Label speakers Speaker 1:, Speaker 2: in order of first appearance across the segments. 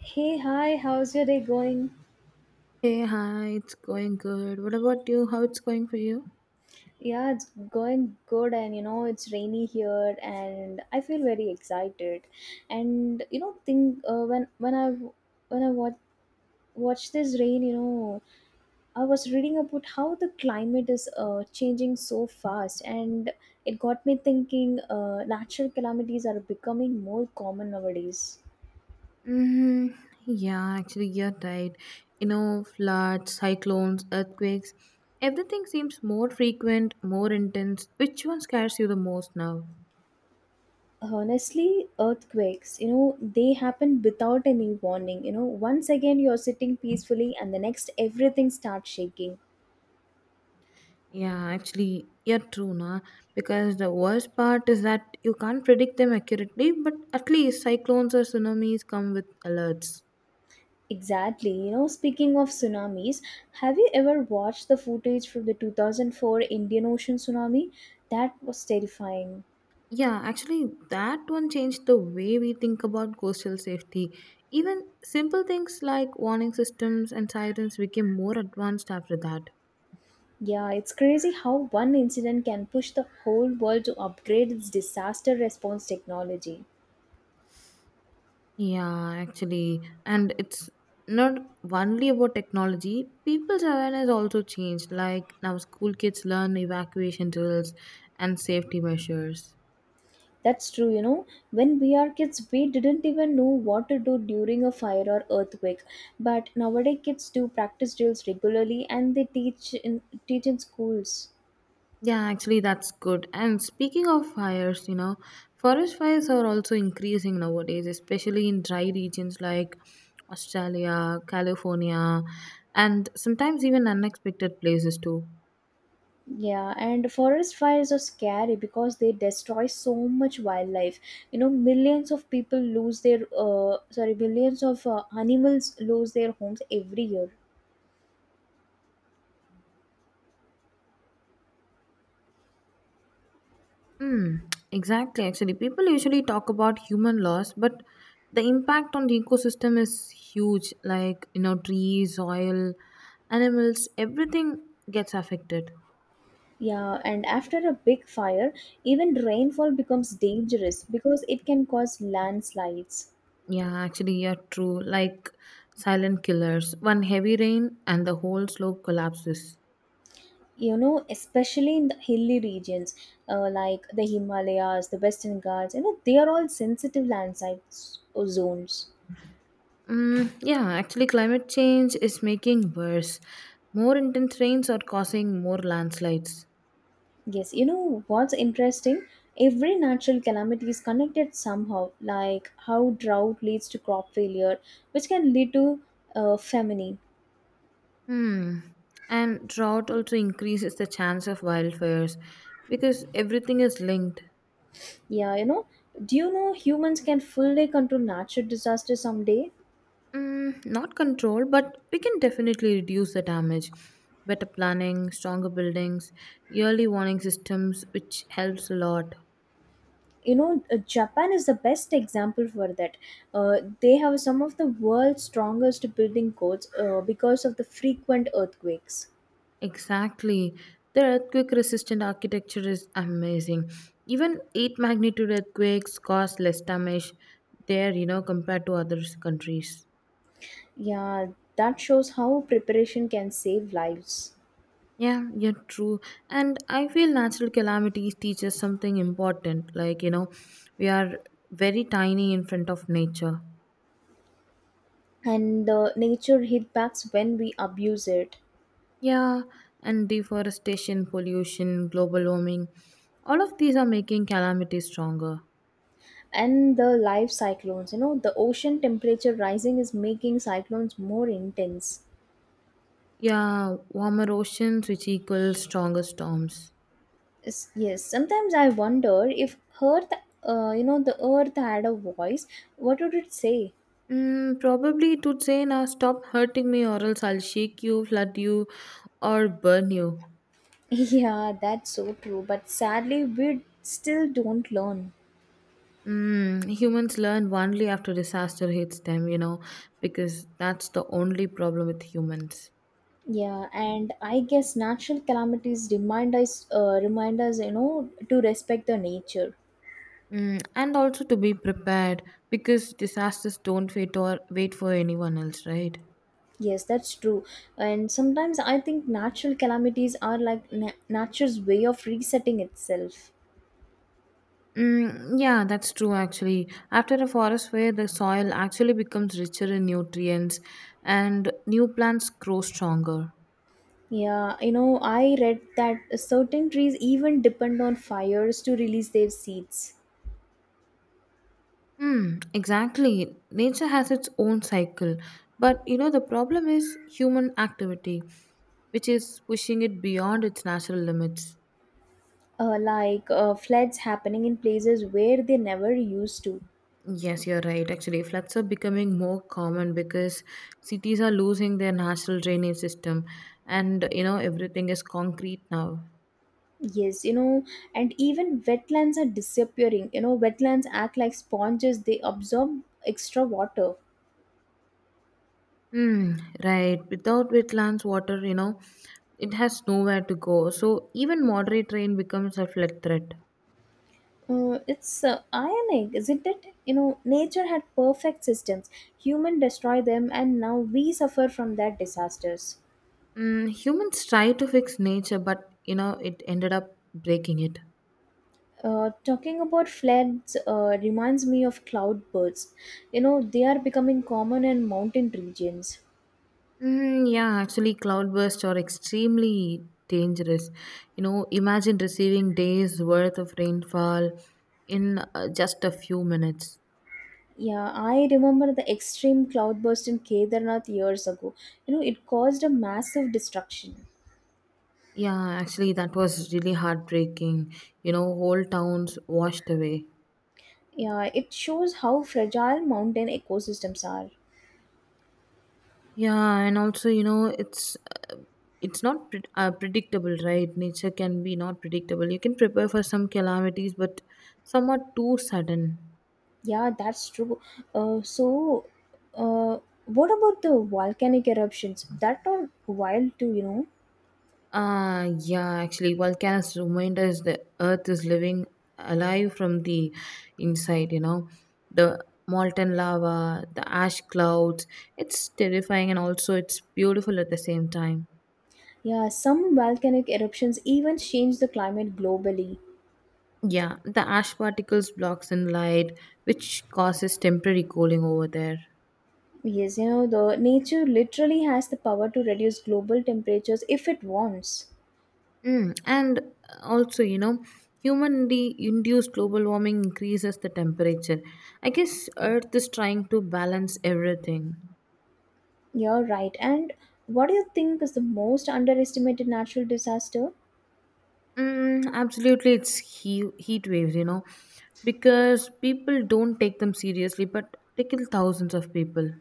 Speaker 1: Hey, hi, how's your day going?
Speaker 2: Hey, hi, it's going good. What about you? How it's going for you?
Speaker 1: Yeah, it's going good, and you know, it's rainy here, and I feel very excited. And you know, think when I watch this rain, you know, I was reading about how the climate is changing so fast, and it got me thinking natural calamities are becoming more common nowadays.
Speaker 2: Hmm. Yeah, actually, you're right. You know, floods, cyclones, earthquakes, everything seems more frequent, more intense. Which one scares you the most now?
Speaker 1: Honestly, earthquakes, you know, they happen without any warning. You know, once again second you're sitting peacefully and the next everything starts shaking.
Speaker 2: Yeah, actually, you're true, na. Because the worst part is that you can't predict them accurately, but at least cyclones or tsunamis come with alerts.
Speaker 1: Exactly. You know, speaking of tsunamis, have you ever watched the footage from the 2004 Indian Ocean tsunami? That was terrifying.
Speaker 2: Yeah, actually, that one changed the way we think about coastal safety. Even simple things like warning systems and sirens became more advanced after that.
Speaker 1: Yeah, it's crazy how one incident can push the whole world to upgrade its disaster response technology.
Speaker 2: Yeah, actually, and it's not only about technology, people's awareness also changed. Like now, school kids learn evacuation drills and safety measures.
Speaker 1: That's true, you know. When we are kids, we didn't even know what to do during a fire or earthquake. But nowadays, kids do practice drills regularly, and they teach in schools.
Speaker 2: Yeah, actually, that's good. And speaking of fires, you know, forest fires are also increasing nowadays, especially in dry regions like Australia, California, and sometimes even unexpected places too.
Speaker 1: Yeah, and forest fires are scary because they destroy so much wildlife. You know, millions of people lose their sorry, millions of animals lose their homes every year.
Speaker 2: Hmm, exactly. Actually, people usually talk about human loss, but the impact on the ecosystem is huge. Like, you know, trees, soil, animals, everything gets affected.
Speaker 1: Yeah, and after a big fire, even rainfall becomes dangerous because it can cause landslides.
Speaker 2: Yeah, actually, yeah, true. Like silent killers. One heavy rain and the whole slope collapses.
Speaker 1: You know, especially in the hilly regions, like the Himalayas, the Western Ghats, you know, they are all sensitive landslide zones.
Speaker 2: Mm, yeah, actually, climate change is making worse. More intense rains are causing more landslides.
Speaker 1: Yes, you know what's interesting? Every natural calamity is connected somehow, like how drought leads to crop failure, which can lead to famine.
Speaker 2: Hmm. And drought also increases the chance of wildfires because everything is linked.
Speaker 1: Yeah, you know, do you know humans can fully control natural disasters someday?
Speaker 2: Not control, but we can definitely reduce the damage. Better planning, stronger buildings, yearly warning systems, which helps a lot.
Speaker 1: You know, Japan is the best example for that. They have some of the world's strongest building codes because of the frequent earthquakes.
Speaker 2: Exactly. The earthquake resistant architecture is amazing. Even 8 magnitude earthquakes cause less damage there, you know, compared to other countries.
Speaker 1: Yeah, that shows how preparation can save lives.
Speaker 2: Yeah, yeah, true. And I feel natural calamities teach us something important. Like, you know, we are very tiny in front of nature.
Speaker 1: And the nature hit backs when we abuse it.
Speaker 2: Yeah, and deforestation, pollution, global warming, all of these are making calamities stronger.
Speaker 1: And the live cyclones, you know, the ocean temperature rising is making cyclones more intense.
Speaker 2: Yeah, warmer oceans, which equals stronger storms.
Speaker 1: Yes, yes. Sometimes I wonder if Earth, you know, the Earth had a voice, what would it say?
Speaker 2: Probably it would say, now stop hurting me or else I'll shake you, flood you, or burn you.
Speaker 1: Yeah, that's so true. But sadly, we still don't learn.
Speaker 2: Humans learn only after disaster hits them, you know, because that's the only problem with humans.
Speaker 1: Yeah, and I guess natural calamities remind us, you know, to respect the nature.
Speaker 2: And also to be prepared because disasters don't wait or wait for anyone else, right?
Speaker 1: Yes, that's true. And sometimes I think natural calamities are like nature's way of resetting itself.
Speaker 2: Mm, yeah, that's true actually. After a forest fire, the soil actually becomes richer in nutrients and new plants grow stronger.
Speaker 1: Yeah, you know, I read that certain trees even depend on fires to release their seeds,
Speaker 2: Hmm, exactly. Nature has its own cycle. But you know, the problem is human activity, which is pushing it beyond its natural limits.
Speaker 1: like floods happening in places where they never used to.
Speaker 2: Yes, you're right. Actually, floods are becoming more common because cities are losing their natural drainage system, and you know, everything is concrete now.
Speaker 1: Yes, you know, and even wetlands are disappearing. You know, wetlands act like sponges, they absorb extra water.
Speaker 2: Hmm, right. Without wetlands, water, you know, it has nowhere to go. So, even moderate rain becomes a flood threat.
Speaker 1: It's ironic, isn't it? You know, nature had perfect systems. Human destroy them, and now we suffer from their disasters.
Speaker 2: Humans try to fix nature, but you know it ended up breaking it.
Speaker 1: Talking about floods reminds me of cloudbursts. You know, they are becoming common in mountain regions.
Speaker 2: Mm, yeah, actually, cloudbursts are extremely dangerous. You know, imagine receiving days worth of rainfall in just a few minutes.
Speaker 1: Yeah, I remember the extreme cloudburst in Kedarnath years ago. You know, it caused a massive destruction.
Speaker 2: Yeah, actually, that was really heartbreaking. You know, whole towns washed away.
Speaker 1: Yeah, it shows how fragile mountain ecosystems are.
Speaker 2: Yeah, and also, you know, uh, it's not predictable, right? Nature can be not predictable. You can prepare for some calamities, but some are too sudden.
Speaker 1: Yeah, that's true. So, uh, what about the volcanic eruptions? That are wild too, you know.
Speaker 2: Ah, yeah, actually, volcanoes remind us the earth is living alive from the inside, you know, the molten lava, the ash clouds. It's terrifying and also it's beautiful at the same time.
Speaker 1: Yeah, some volcanic eruptions even change the climate globally.
Speaker 2: Yeah, the ash particles blocks in light, which causes temporary cooling over there.
Speaker 1: Yes, you know, the nature literally has the power to reduce global temperatures if it wants.
Speaker 2: And also, you know, humanly induced global warming increases the temperature. I guess Earth is trying to balance everything.
Speaker 1: You're right. And what do you think is the most underestimated natural disaster?
Speaker 2: Mm, absolutely, it's heat waves, you know, because people don't take them seriously, but they kill thousands of people.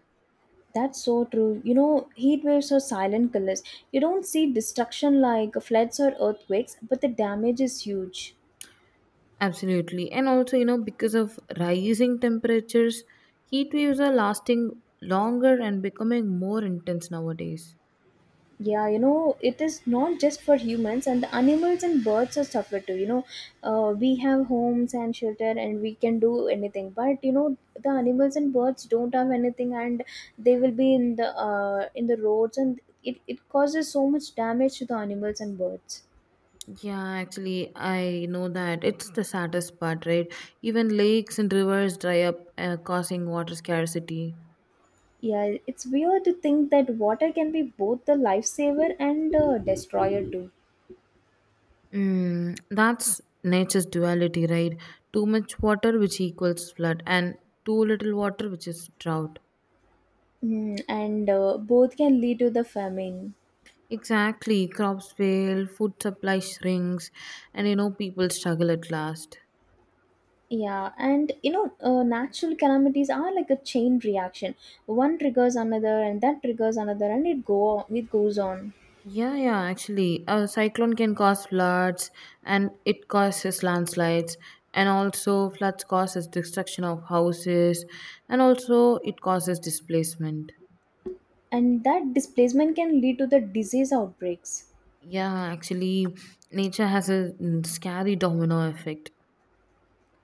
Speaker 1: That's so true. You know, heat waves are silent killers. You don't see destruction like floods or earthquakes, but the damage is huge.
Speaker 2: Absolutely. And also, you know, because of rising temperatures, heat waves are lasting longer and becoming more intense nowadays.
Speaker 1: Yeah, you know, it is not just for humans, and the animals and birds are suffer too. You know, we have homes and shelter, and we can do anything. But you know, the animals and birds don't have anything, and they will be in the roads, and it causes so much damage to the animals and birds.
Speaker 2: Yeah, actually, I know that it's the saddest part, right? Even lakes and rivers dry up, causing water scarcity.
Speaker 1: Yeah, it's weird to think that water can be both the lifesaver and destroyer too.
Speaker 2: That's nature's duality, right? Too much water, which equals flood, and too little water, which is drought.
Speaker 1: And both can lead to the famine.
Speaker 2: Exactly, crops fail, food supply shrinks, and you know, people struggle at last.
Speaker 1: Yeah, and you know, natural calamities are like a chain reaction. One triggers another, and that triggers another, and it goes on.
Speaker 2: Yeah, yeah, actually, a cyclone can cause floods and it causes landslides, and also floods causes destruction of houses, and also it causes displacement.
Speaker 1: And that displacement can lead to the disease outbreaks.
Speaker 2: Yeah, actually, nature has a scary domino effect.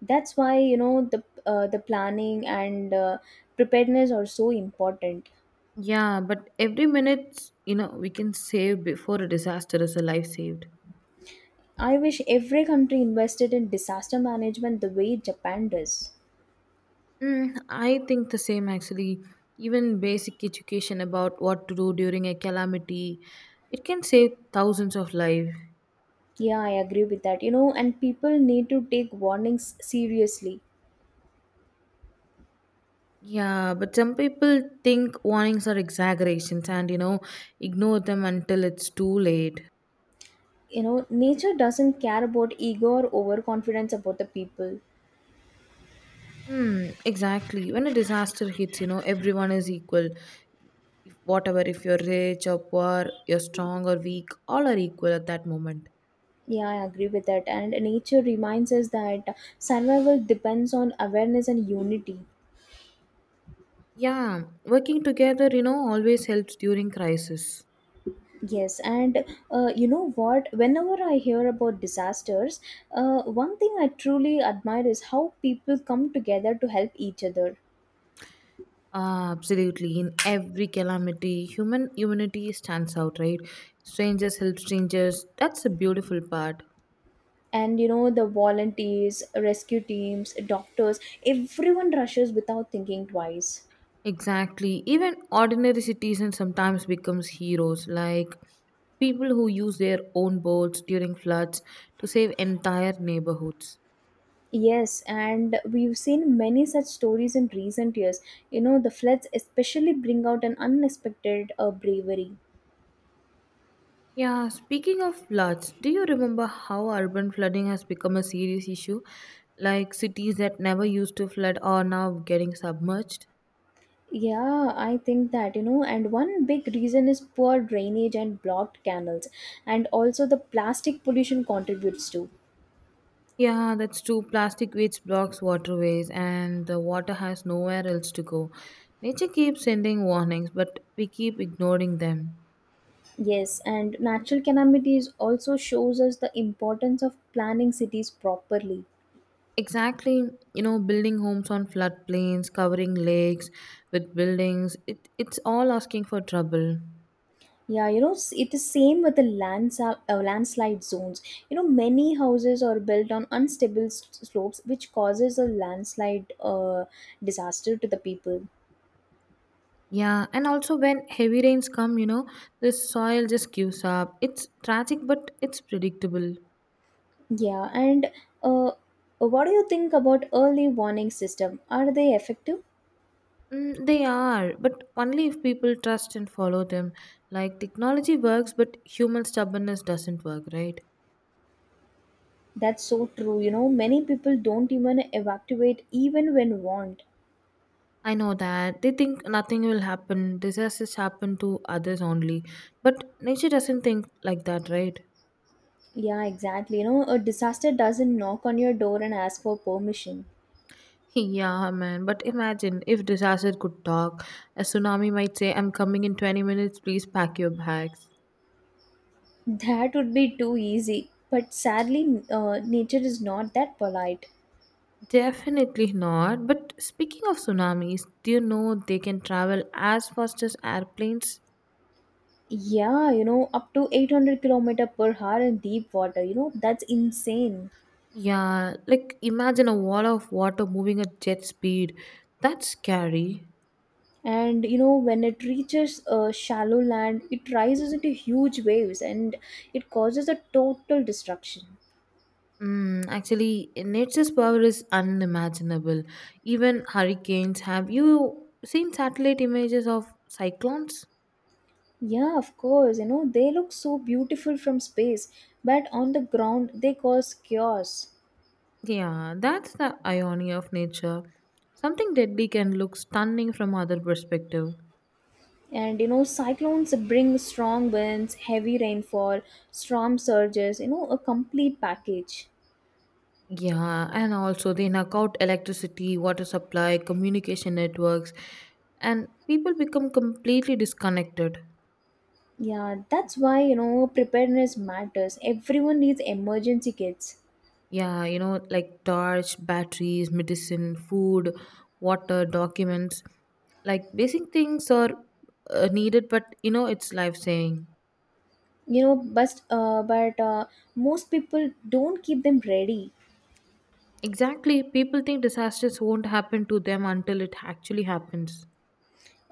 Speaker 1: That's why, you know, the planning and preparedness are so important.
Speaker 2: Yeah, but every minute, you know, we can save before a disaster is a life saved.
Speaker 1: I wish every country invested in disaster management the way Japan does.
Speaker 2: I think the same actually. Even basic education about what to do during a calamity, it can save thousands of lives.
Speaker 1: Yeah, I agree with that. You know, and people need to take warnings seriously.
Speaker 2: Yeah, but some people think warnings are exaggerations and you know ignore them until it's too late.
Speaker 1: You know, nature doesn't care about ego or overconfidence about the people.
Speaker 2: Hmm, exactly. When a disaster hits, you know, everyone is equal. If, whatever, if you're rich or poor, you're strong or weak, all are equal at that moment.
Speaker 1: Yeah, I agree with that, and nature reminds us that survival depends on awareness and unity.
Speaker 2: Yeah, working together, you know, always helps during crisis.
Speaker 1: Yes. And you know what, whenever I hear about disasters, one thing I truly admire is how people come together to help each other.
Speaker 2: Ah, absolutely. In every calamity, humanity stands out, right? Strangers help strangers. That's a beautiful part.
Speaker 1: And you know, the volunteers, rescue teams, doctors, everyone rushes without thinking twice.
Speaker 2: Exactly. Even ordinary citizens sometimes becomes heroes, like people who use their own boats during floods to save entire neighborhoods.
Speaker 1: Yes, and we've seen many such stories in recent years. You know, the floods especially bring out an unexpected bravery.
Speaker 2: Yeah, speaking of floods, do you remember how urban flooding has become a serious issue? Like cities that never used to flood are now getting submerged?
Speaker 1: Yeah, I think that, you know, and one big reason is poor drainage and blocked canals, and also the plastic pollution contributes to.
Speaker 2: Yeah, that's true. Plastic waste blocks waterways, and the water has nowhere else to go. Nature keeps sending warnings, but we keep ignoring them.
Speaker 1: Yes, and natural calamities also shows us the importance of planning cities properly.
Speaker 2: Exactly, you know, building homes on floodplains, covering lakes with buildings, it's all asking for trouble.
Speaker 1: Yeah, you know, it is same with the lands, landslide zones. You know, many houses are built on unstable slopes, which causes a landslide disaster to the people.
Speaker 2: Yeah, and also when heavy rains come, you know, the soil just gives up. It's tragic, but it's predictable.
Speaker 1: Yeah, and uh, uh, what do you think about early warning system? Are they effective?
Speaker 2: They are, but only if people trust and follow them. Like technology works, but human stubbornness doesn't work, right?
Speaker 1: That's so true. You know, many people don't even evacuate even when warned.
Speaker 2: I know that. They think nothing will happen, disasters happen to others only. But nature doesn't think like that, right?
Speaker 1: Yeah, exactly. You know, a disaster doesn't knock on your door and ask for permission.
Speaker 2: Yeah, man. But imagine if disaster could talk. A tsunami might say, I'm coming in 20 minutes, please pack your bags.
Speaker 1: That would be too easy. But sadly, nature is not that polite.
Speaker 2: Definitely not. But speaking of tsunamis, do you know they can travel as fast as airplanes?
Speaker 1: Yeah, you know, up to 800 kilometer per hour in deep water. You know, that's insane.
Speaker 2: Yeah, like imagine a wall of water moving at jet speed. That's scary.
Speaker 1: And you know, when it reaches shallow land, it rises into huge waves and it causes a total destruction.
Speaker 2: Actually, nature's power is unimaginable. Even hurricanes. Have you seen satellite images of cyclones?
Speaker 1: Yeah, of course. You know, they look so beautiful from space, but on the ground, they cause chaos.
Speaker 2: Yeah, that's the irony of nature. Something deadly can look stunning from other perspective.
Speaker 1: And you know, cyclones bring strong winds, heavy rainfall, storm surges, you know, a complete package.
Speaker 2: Yeah, and also they knock out electricity, water supply, communication networks, and people become completely disconnected.
Speaker 1: Yeah, that's why, you know, preparedness matters. Everyone needs emergency kits.
Speaker 2: Yeah, you know, like torch, batteries, medicine, food, water, documents, like basic things are needed, but you know, it's life saving.
Speaker 1: You know, but most people don't keep them ready.
Speaker 2: Exactly. People think disasters won't happen to them until it actually happens.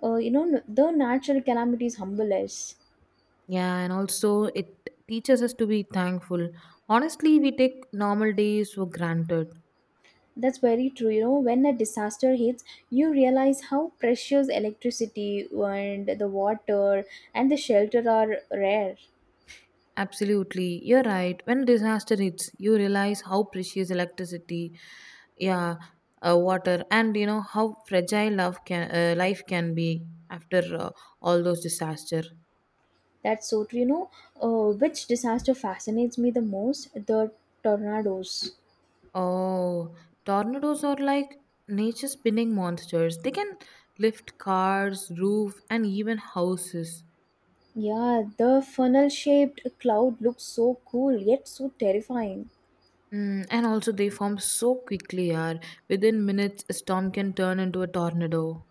Speaker 1: You know, the natural calamities humble us.
Speaker 2: Yeah, and also it teaches us to be thankful. Honestly, we take normal days for granted.
Speaker 1: That's very true. You know, when a disaster hits, you realize how precious electricity and the water and the shelter are rare.
Speaker 2: Absolutely, you're right. When disaster hits, you realize how precious electricity, yeah, water, and you know how fragile love can life can be after all those disaster.
Speaker 1: That's so true. You know, which disaster fascinates me the most? The tornadoes.
Speaker 2: Oh, tornadoes are like nature spinning monsters. They can lift cars, roof, and even houses.
Speaker 1: Yeah, the funnel shaped cloud looks so cool yet so terrifying.
Speaker 2: And also, they form so quickly, yaar. Within minutes, a storm can turn into a tornado.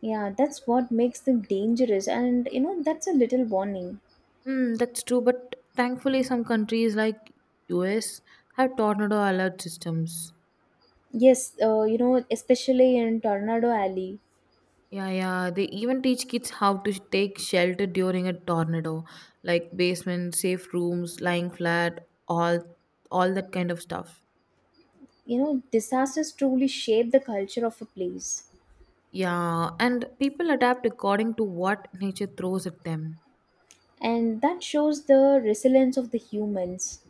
Speaker 1: Yeah, that's what makes them dangerous, and you know, that's a little warning.
Speaker 2: That's true, but thankfully, some countries like US have tornado alert systems.
Speaker 1: Yes, you know, especially in Tornado Alley.
Speaker 2: Yeah, yeah. They even teach kids how to take shelter during a tornado, like basement, safe rooms, lying flat, all all that kind of stuff.
Speaker 1: You know, disasters truly shape the culture of a place,
Speaker 2: Yeah, and people adapt according to what nature throws at them.
Speaker 1: and that shows the resilience of the humans.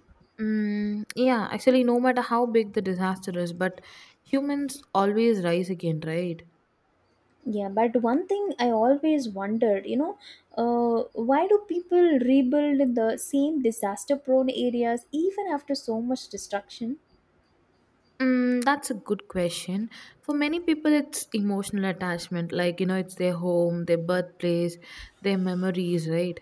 Speaker 2: Mm, yeah, actually, no matter how big the disaster is, but humans always rise again, right?
Speaker 1: Yeah, but one thing I always wondered, you know, why do people rebuild the same disaster prone areas even after so much destruction?
Speaker 2: That's a good question. For many people, it's emotional attachment. Like, you know, it's their home, their birthplace, their memories, right?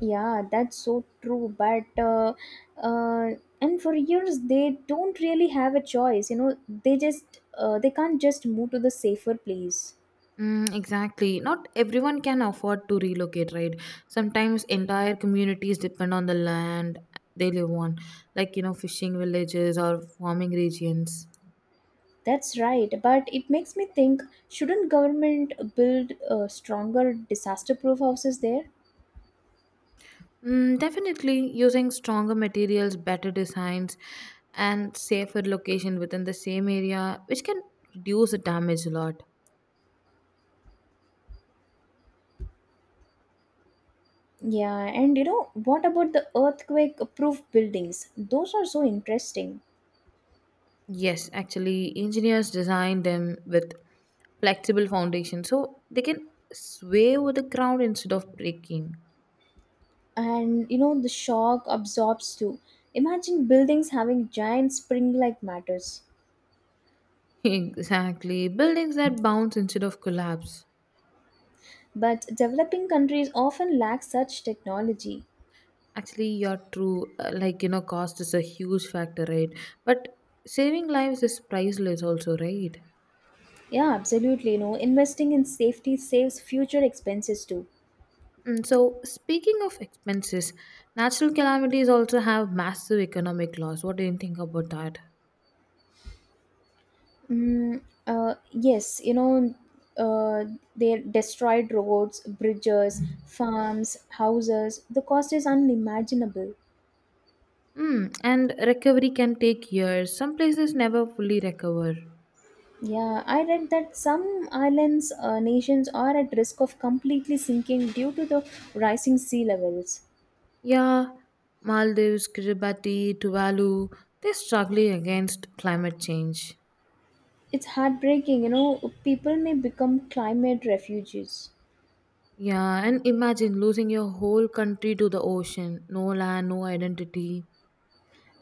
Speaker 1: Yeah, that's so true. But uh, and for years they don't really have a choice. You know, they can't just move to the safer place.
Speaker 2: Mm, exactly. Not everyone can afford to relocate, right? Sometimes entire communities depend on the land they live on, like, you know, fishing villages or farming regions.
Speaker 1: That's right. But it makes me think: shouldn't government build stronger disaster-proof houses there?
Speaker 2: Definitely using stronger materials, better designs, and safer location within the same area, which can reduce the damage a lot.
Speaker 1: Yeah, and you know, what about the earthquake proof buildings? Those are so interesting.
Speaker 2: Yes, actually, engineers design them with flexible foundation so they can sway over the ground instead of breaking.
Speaker 1: And you know, the shock absorbs too. Imagine buildings having giant spring like matters.
Speaker 2: Exactly. Buildings that bounce instead of collapse.
Speaker 1: But developing countries often lack such technology.
Speaker 2: Actually, you're true. Like, you know, cost is a huge factor, right? But saving lives is priceless, also, right?
Speaker 1: Yeah, absolutely. You know, investing in safety saves future expenses too.
Speaker 2: So, speaking of expenses, natural calamities also have massive economic loss. What do you think about that?
Speaker 1: Yes, you know, uh, they destroyed roads, bridges, farms, houses. The cost is unimaginable.
Speaker 2: And recovery can take years. Some places never fully recover.
Speaker 1: Yeah, I read that some islands, nations are at risk of completely sinking due to the rising sea levels.
Speaker 2: Yeah, Maldives, Kiribati, Tuvalu, they're struggling against climate change.
Speaker 1: It's heartbreaking, you know, people may become climate refugees.
Speaker 2: Yeah, and imagine losing your whole country to the ocean. No land, no identity.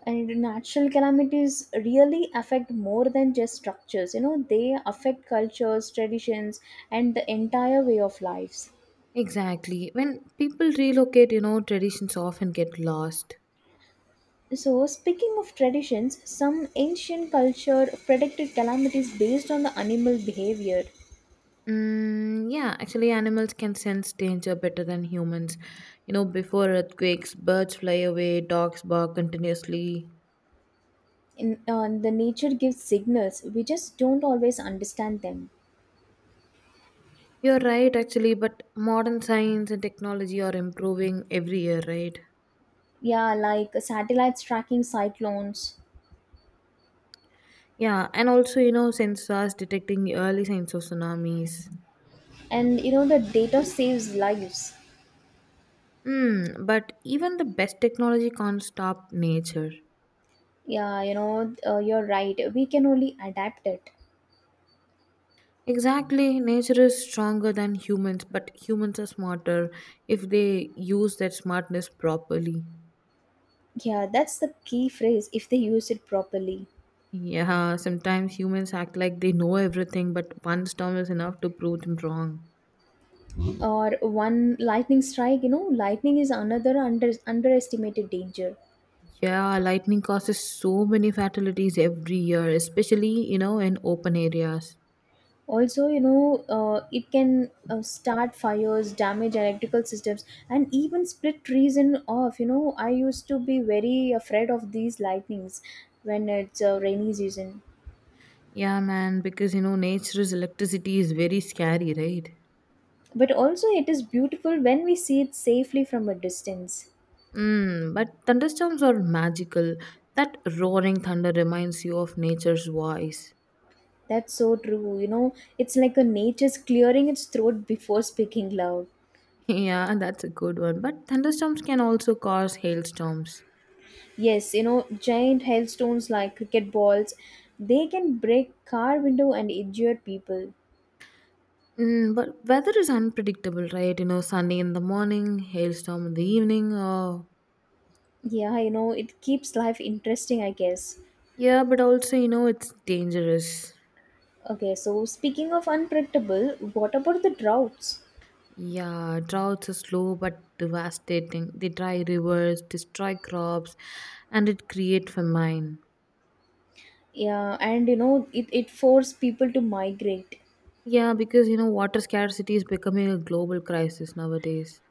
Speaker 1: And natural calamities really affect more than just structures, you know, they affect cultures, traditions, and the entire way of lives.
Speaker 2: Exactly. When people relocate, you know, traditions often get lost.
Speaker 1: So, speaking of traditions, some ancient culture predicted calamities based on the animal behavior.
Speaker 2: Mm, yeah, actually, animals can sense danger better than humans. You know, before earthquakes, birds fly away, dogs bark continuously.
Speaker 1: In the nature gives signals, we just don't always understand them.
Speaker 2: You're right, actually, but modern science and technology are improving every year, right?
Speaker 1: Yeah, like satellites tracking cyclones.
Speaker 2: Yeah, and also, you know, sensors detecting the early signs of tsunamis.
Speaker 1: And you know, the data saves lives.
Speaker 2: But even the best technology can't stop nature.
Speaker 1: Yeah, you know, you're right, we can only adapt it.
Speaker 2: Exactly, nature is stronger than humans, but humans are smarter if they use that smartness properly.
Speaker 1: Yeah, that's the key phrase, if they use it properly.
Speaker 2: Yeah, sometimes humans act like they know everything, but one storm is enough to prove them wrong.
Speaker 1: Or one lightning strike, you know, lightning is another underestimated danger.
Speaker 2: Yeah, lightning causes so many fatalities every year, especially, you know, in open areas.
Speaker 1: Also, you know, it can start fires, damage electrical systems, and even split trees in off. You know, I used to be very afraid of these lightnings when it's a rainy season.
Speaker 2: Yeah, man, because, you know, nature's electricity is very scary, right?
Speaker 1: But also, it is beautiful when we see it safely from a distance.
Speaker 2: Mm, but thunderstorms are magical. That roaring thunder reminds you of nature's voice.
Speaker 1: That's so true. You know, it's like a nature's clearing its throat before speaking loud.
Speaker 2: Yeah, that's a good one. But thunderstorms can also cause hailstorms.
Speaker 1: Yes, you know, giant hailstones like cricket balls, they can break car window and injure people.
Speaker 2: Mm, but weather is unpredictable, right? You know, sunny in the morning, hailstorm in the evening.
Speaker 1: Yeah, you know, it keeps life interesting, I guess.
Speaker 2: Yeah, but also, you know, it's dangerous.
Speaker 1: Okay, so speaking of unpredictable, what about the droughts?
Speaker 2: Yeah, droughts are slow but devastating. They dry rivers, destroy crops, and it create famine.
Speaker 1: Yeah, and you know, it forced people to migrate.
Speaker 2: Yeah, because you know water scarcity is becoming a global crisis nowadays.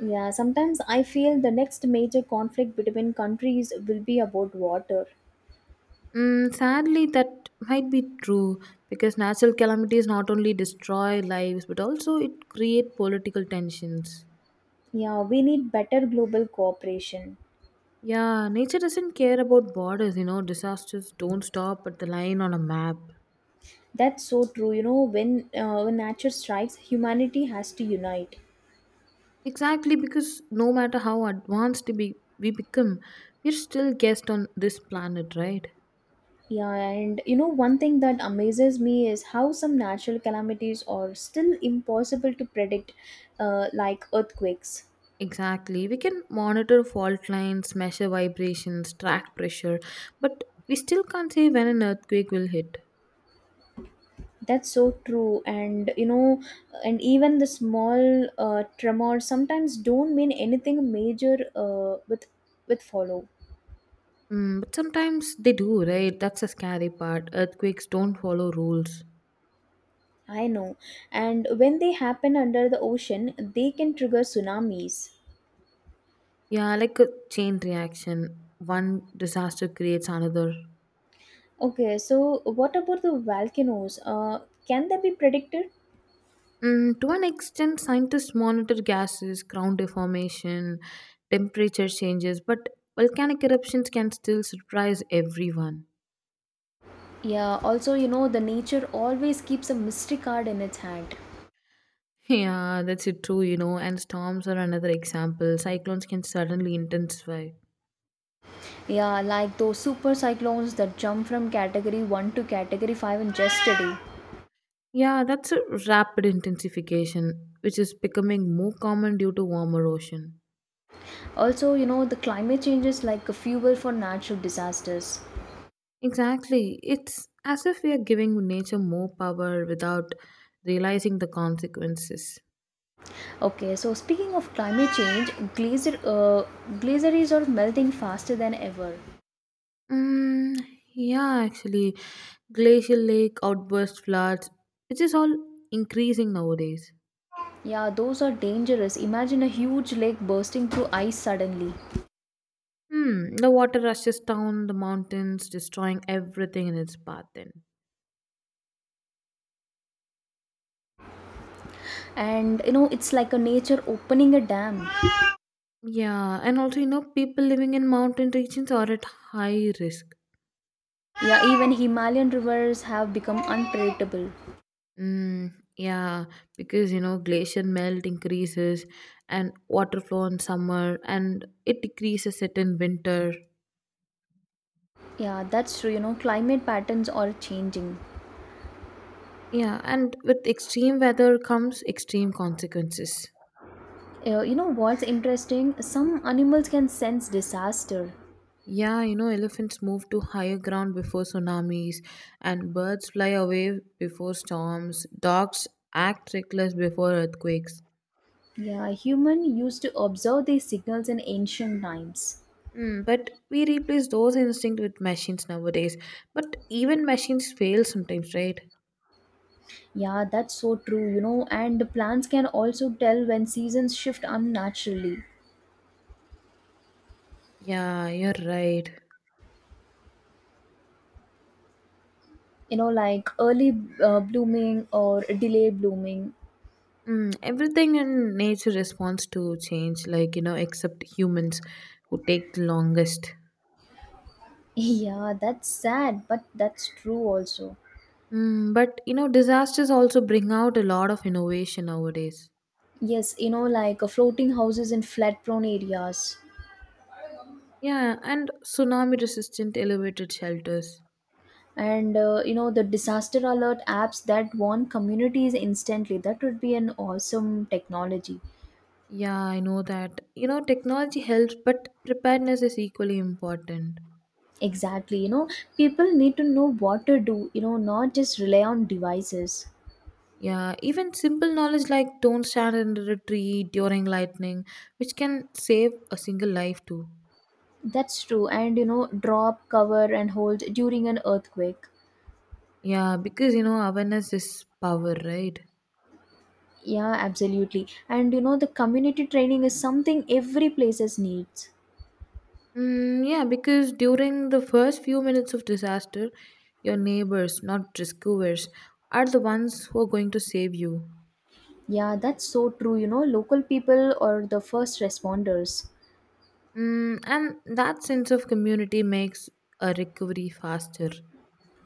Speaker 1: Yeah, sometimes I feel the next major conflict between countries will be about water.
Speaker 2: Mm, sadly, that might be true because natural calamities not only destroy lives but also it create political tensions.
Speaker 1: Yeah, we need better global cooperation.
Speaker 2: Yeah, nature doesn't care about borders. You know, disasters don't stop at the line on a map.
Speaker 1: That's so true. You know, when nature strikes, humanity has to unite.
Speaker 2: Exactly, because no matter how advanced we become, we're still guests on this planet, right?
Speaker 1: Yeah, and you know, one thing that amazes me is how some natural calamities are still impossible to predict, like earthquakes.
Speaker 2: Exactly. We can monitor fault lines, measure vibrations, track pressure, but we still can't say when an earthquake will hit.
Speaker 1: That's so true. And you know, and even the small tremors sometimes don't mean anything major with follow.
Speaker 2: Mm, but sometimes they do, right? That's the scary part. Earthquakes don't follow rules.
Speaker 1: I know. And when they happen under the ocean, they can trigger tsunamis.
Speaker 2: Yeah, like a chain reaction. One disaster creates another.
Speaker 1: Okay, so what about the volcanoes? Can they be predicted?
Speaker 2: Mm, to an extent, scientists monitor gases, ground deformation, temperature changes, but volcanic eruptions can still surprise everyone.
Speaker 1: Yeah, also, you know, the nature always keeps a mystery card in its hand.
Speaker 2: Yeah, that's it too, you know, and storms are another example. Cyclones can suddenly intensify.
Speaker 1: Yeah, like those super cyclones that jump from category 1 to category 5 in just a day.
Speaker 2: Yeah, that's a rapid intensification, which is becoming more common due to warmer ocean.
Speaker 1: Also, you know, the climate change is like a fuel for natural disasters.
Speaker 2: Exactly. It's as if we are giving nature more power without realizing the consequences.
Speaker 1: Okay, so speaking of climate change, glaciers are melting faster than ever.
Speaker 2: Mm, yeah, actually, glacial lake outburst floods, which is all increasing nowadays.
Speaker 1: Yeah, those are dangerous. Imagine a huge lake bursting through ice suddenly.
Speaker 2: Hmm, the water rushes down the mountains, destroying everything in its path. Then,
Speaker 1: And you know, it's like a nature opening a dam.
Speaker 2: yeah, and also you know people living in mountain regions are at high risk.
Speaker 1: Yeah, even Himalayan rivers have become unpredictable.
Speaker 2: Mm, yeah, because you know glacier melt increases, and water flow in summer, and it decreases it in winter.
Speaker 1: Yeah, that's true. You know, climate patterns are changing.
Speaker 2: Yeah, and with extreme weather comes extreme consequences.
Speaker 1: You know what's interesting? Some animals can sense disaster.
Speaker 2: Yeah, you know, elephants move to higher ground before tsunamis, and birds fly away before storms. Dogs act reckless before earthquakes.
Speaker 1: Yeah, human used to observe these signals in ancient times.
Speaker 2: Mm, but we replace those instincts with machines nowadays. But even machines fail sometimes, right?
Speaker 1: Yeah, that's so true. You know, and the plants can also tell when seasons shift unnaturally.
Speaker 2: Yeah, you're right.
Speaker 1: You know, like early blooming or delayed blooming.
Speaker 2: Mm, everything in nature responds to change, like, you know, except humans who take the longest.
Speaker 1: Yeah, that's sad, but that's true also.
Speaker 2: Mm, but, you know, disasters also bring out a lot of innovation nowadays.
Speaker 1: Yes, you know, like floating houses in flat prone areas.
Speaker 2: Yeah, and tsunami resistant elevated shelters.
Speaker 1: And, you know, the disaster alert apps that warn communities instantly. That would be an awesome technology.
Speaker 2: Yeah, I know that. You know, technology helps, but preparedness is equally important.
Speaker 1: Exactly. You know, people need to know what to do, you know, not just rely on devices.
Speaker 2: Yeah, even simple knowledge like don't stand under a tree during lightning, which can save a single life too.
Speaker 1: That's true. And, you know, drop, cover, and hold during an earthquake.
Speaker 2: Yeah, because you know, awareness is power, right?
Speaker 1: Yeah, absolutely. And, you know, the community training is something every places needs.
Speaker 2: Mm, yeah, because during the first few minutes of disaster, your neighbors, not rescuers, are the ones who are going to save you.
Speaker 1: Yeah, that's so true. You know, local people or the first responders.
Speaker 2: Mm, and that sense of community makes a recovery faster.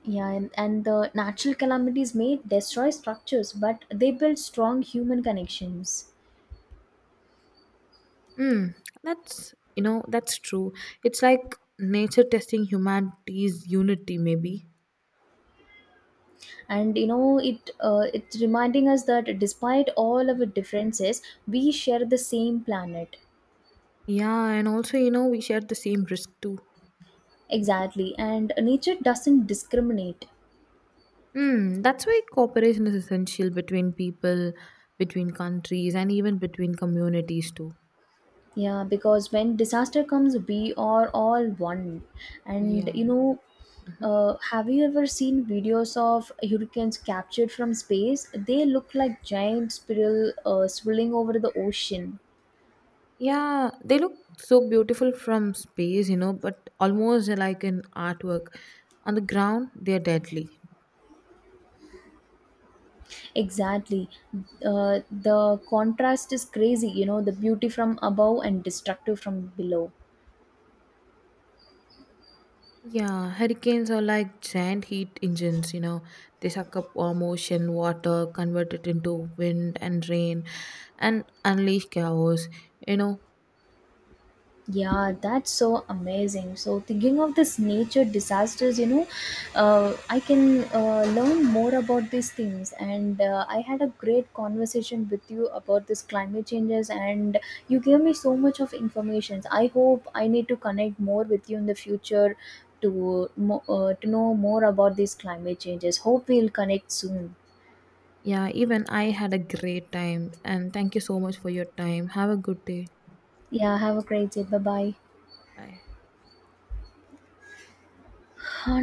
Speaker 1: Yeah, and the natural calamities may destroy structures, but they build strong human connections.
Speaker 2: Mm, that's you know that's true. It's like nature testing humanity's unity, maybe.
Speaker 1: And you know, it's reminding us that despite all our differences, we share the same planet.
Speaker 2: Yeah, and also you know we share the same risk too.
Speaker 1: Exactly, and nature doesn't discriminate.
Speaker 2: Mm, that's why cooperation is essential between people, between countries, and even between communities too.
Speaker 1: Yeah, because when disaster comes, we are all one. And
Speaker 2: Yeah.
Speaker 1: you know,
Speaker 2: Mhm.
Speaker 1: have you ever seen videos of hurricanes captured from space? They look like giant spiral swirling over the ocean.
Speaker 2: Yeah, they look so beautiful from space, you know, but almost like an artwork. On the ground, they're deadly.
Speaker 1: Exactly. The contrast is crazy, you know, the beauty from above and destructive from below.
Speaker 2: Yeah, hurricanes are like giant heat engines, you know. They suck up warm ocean water, convert it into wind and rain, and unleash chaos, you know.
Speaker 1: Yeah, that's so amazing. So, thinking of this nature disasters, you know, I can learn more about these things. And I had a great conversation with you about this climate changes, and you gave me so much of information. I hope I need to connect more with you in the future to know more about these climate changes. Hope we'll connect soon.
Speaker 2: Yeah, even I had a great time, and thank you so much for your time. Have a good day.
Speaker 1: Yeah, have a great day. Bye bye.
Speaker 2: Bye.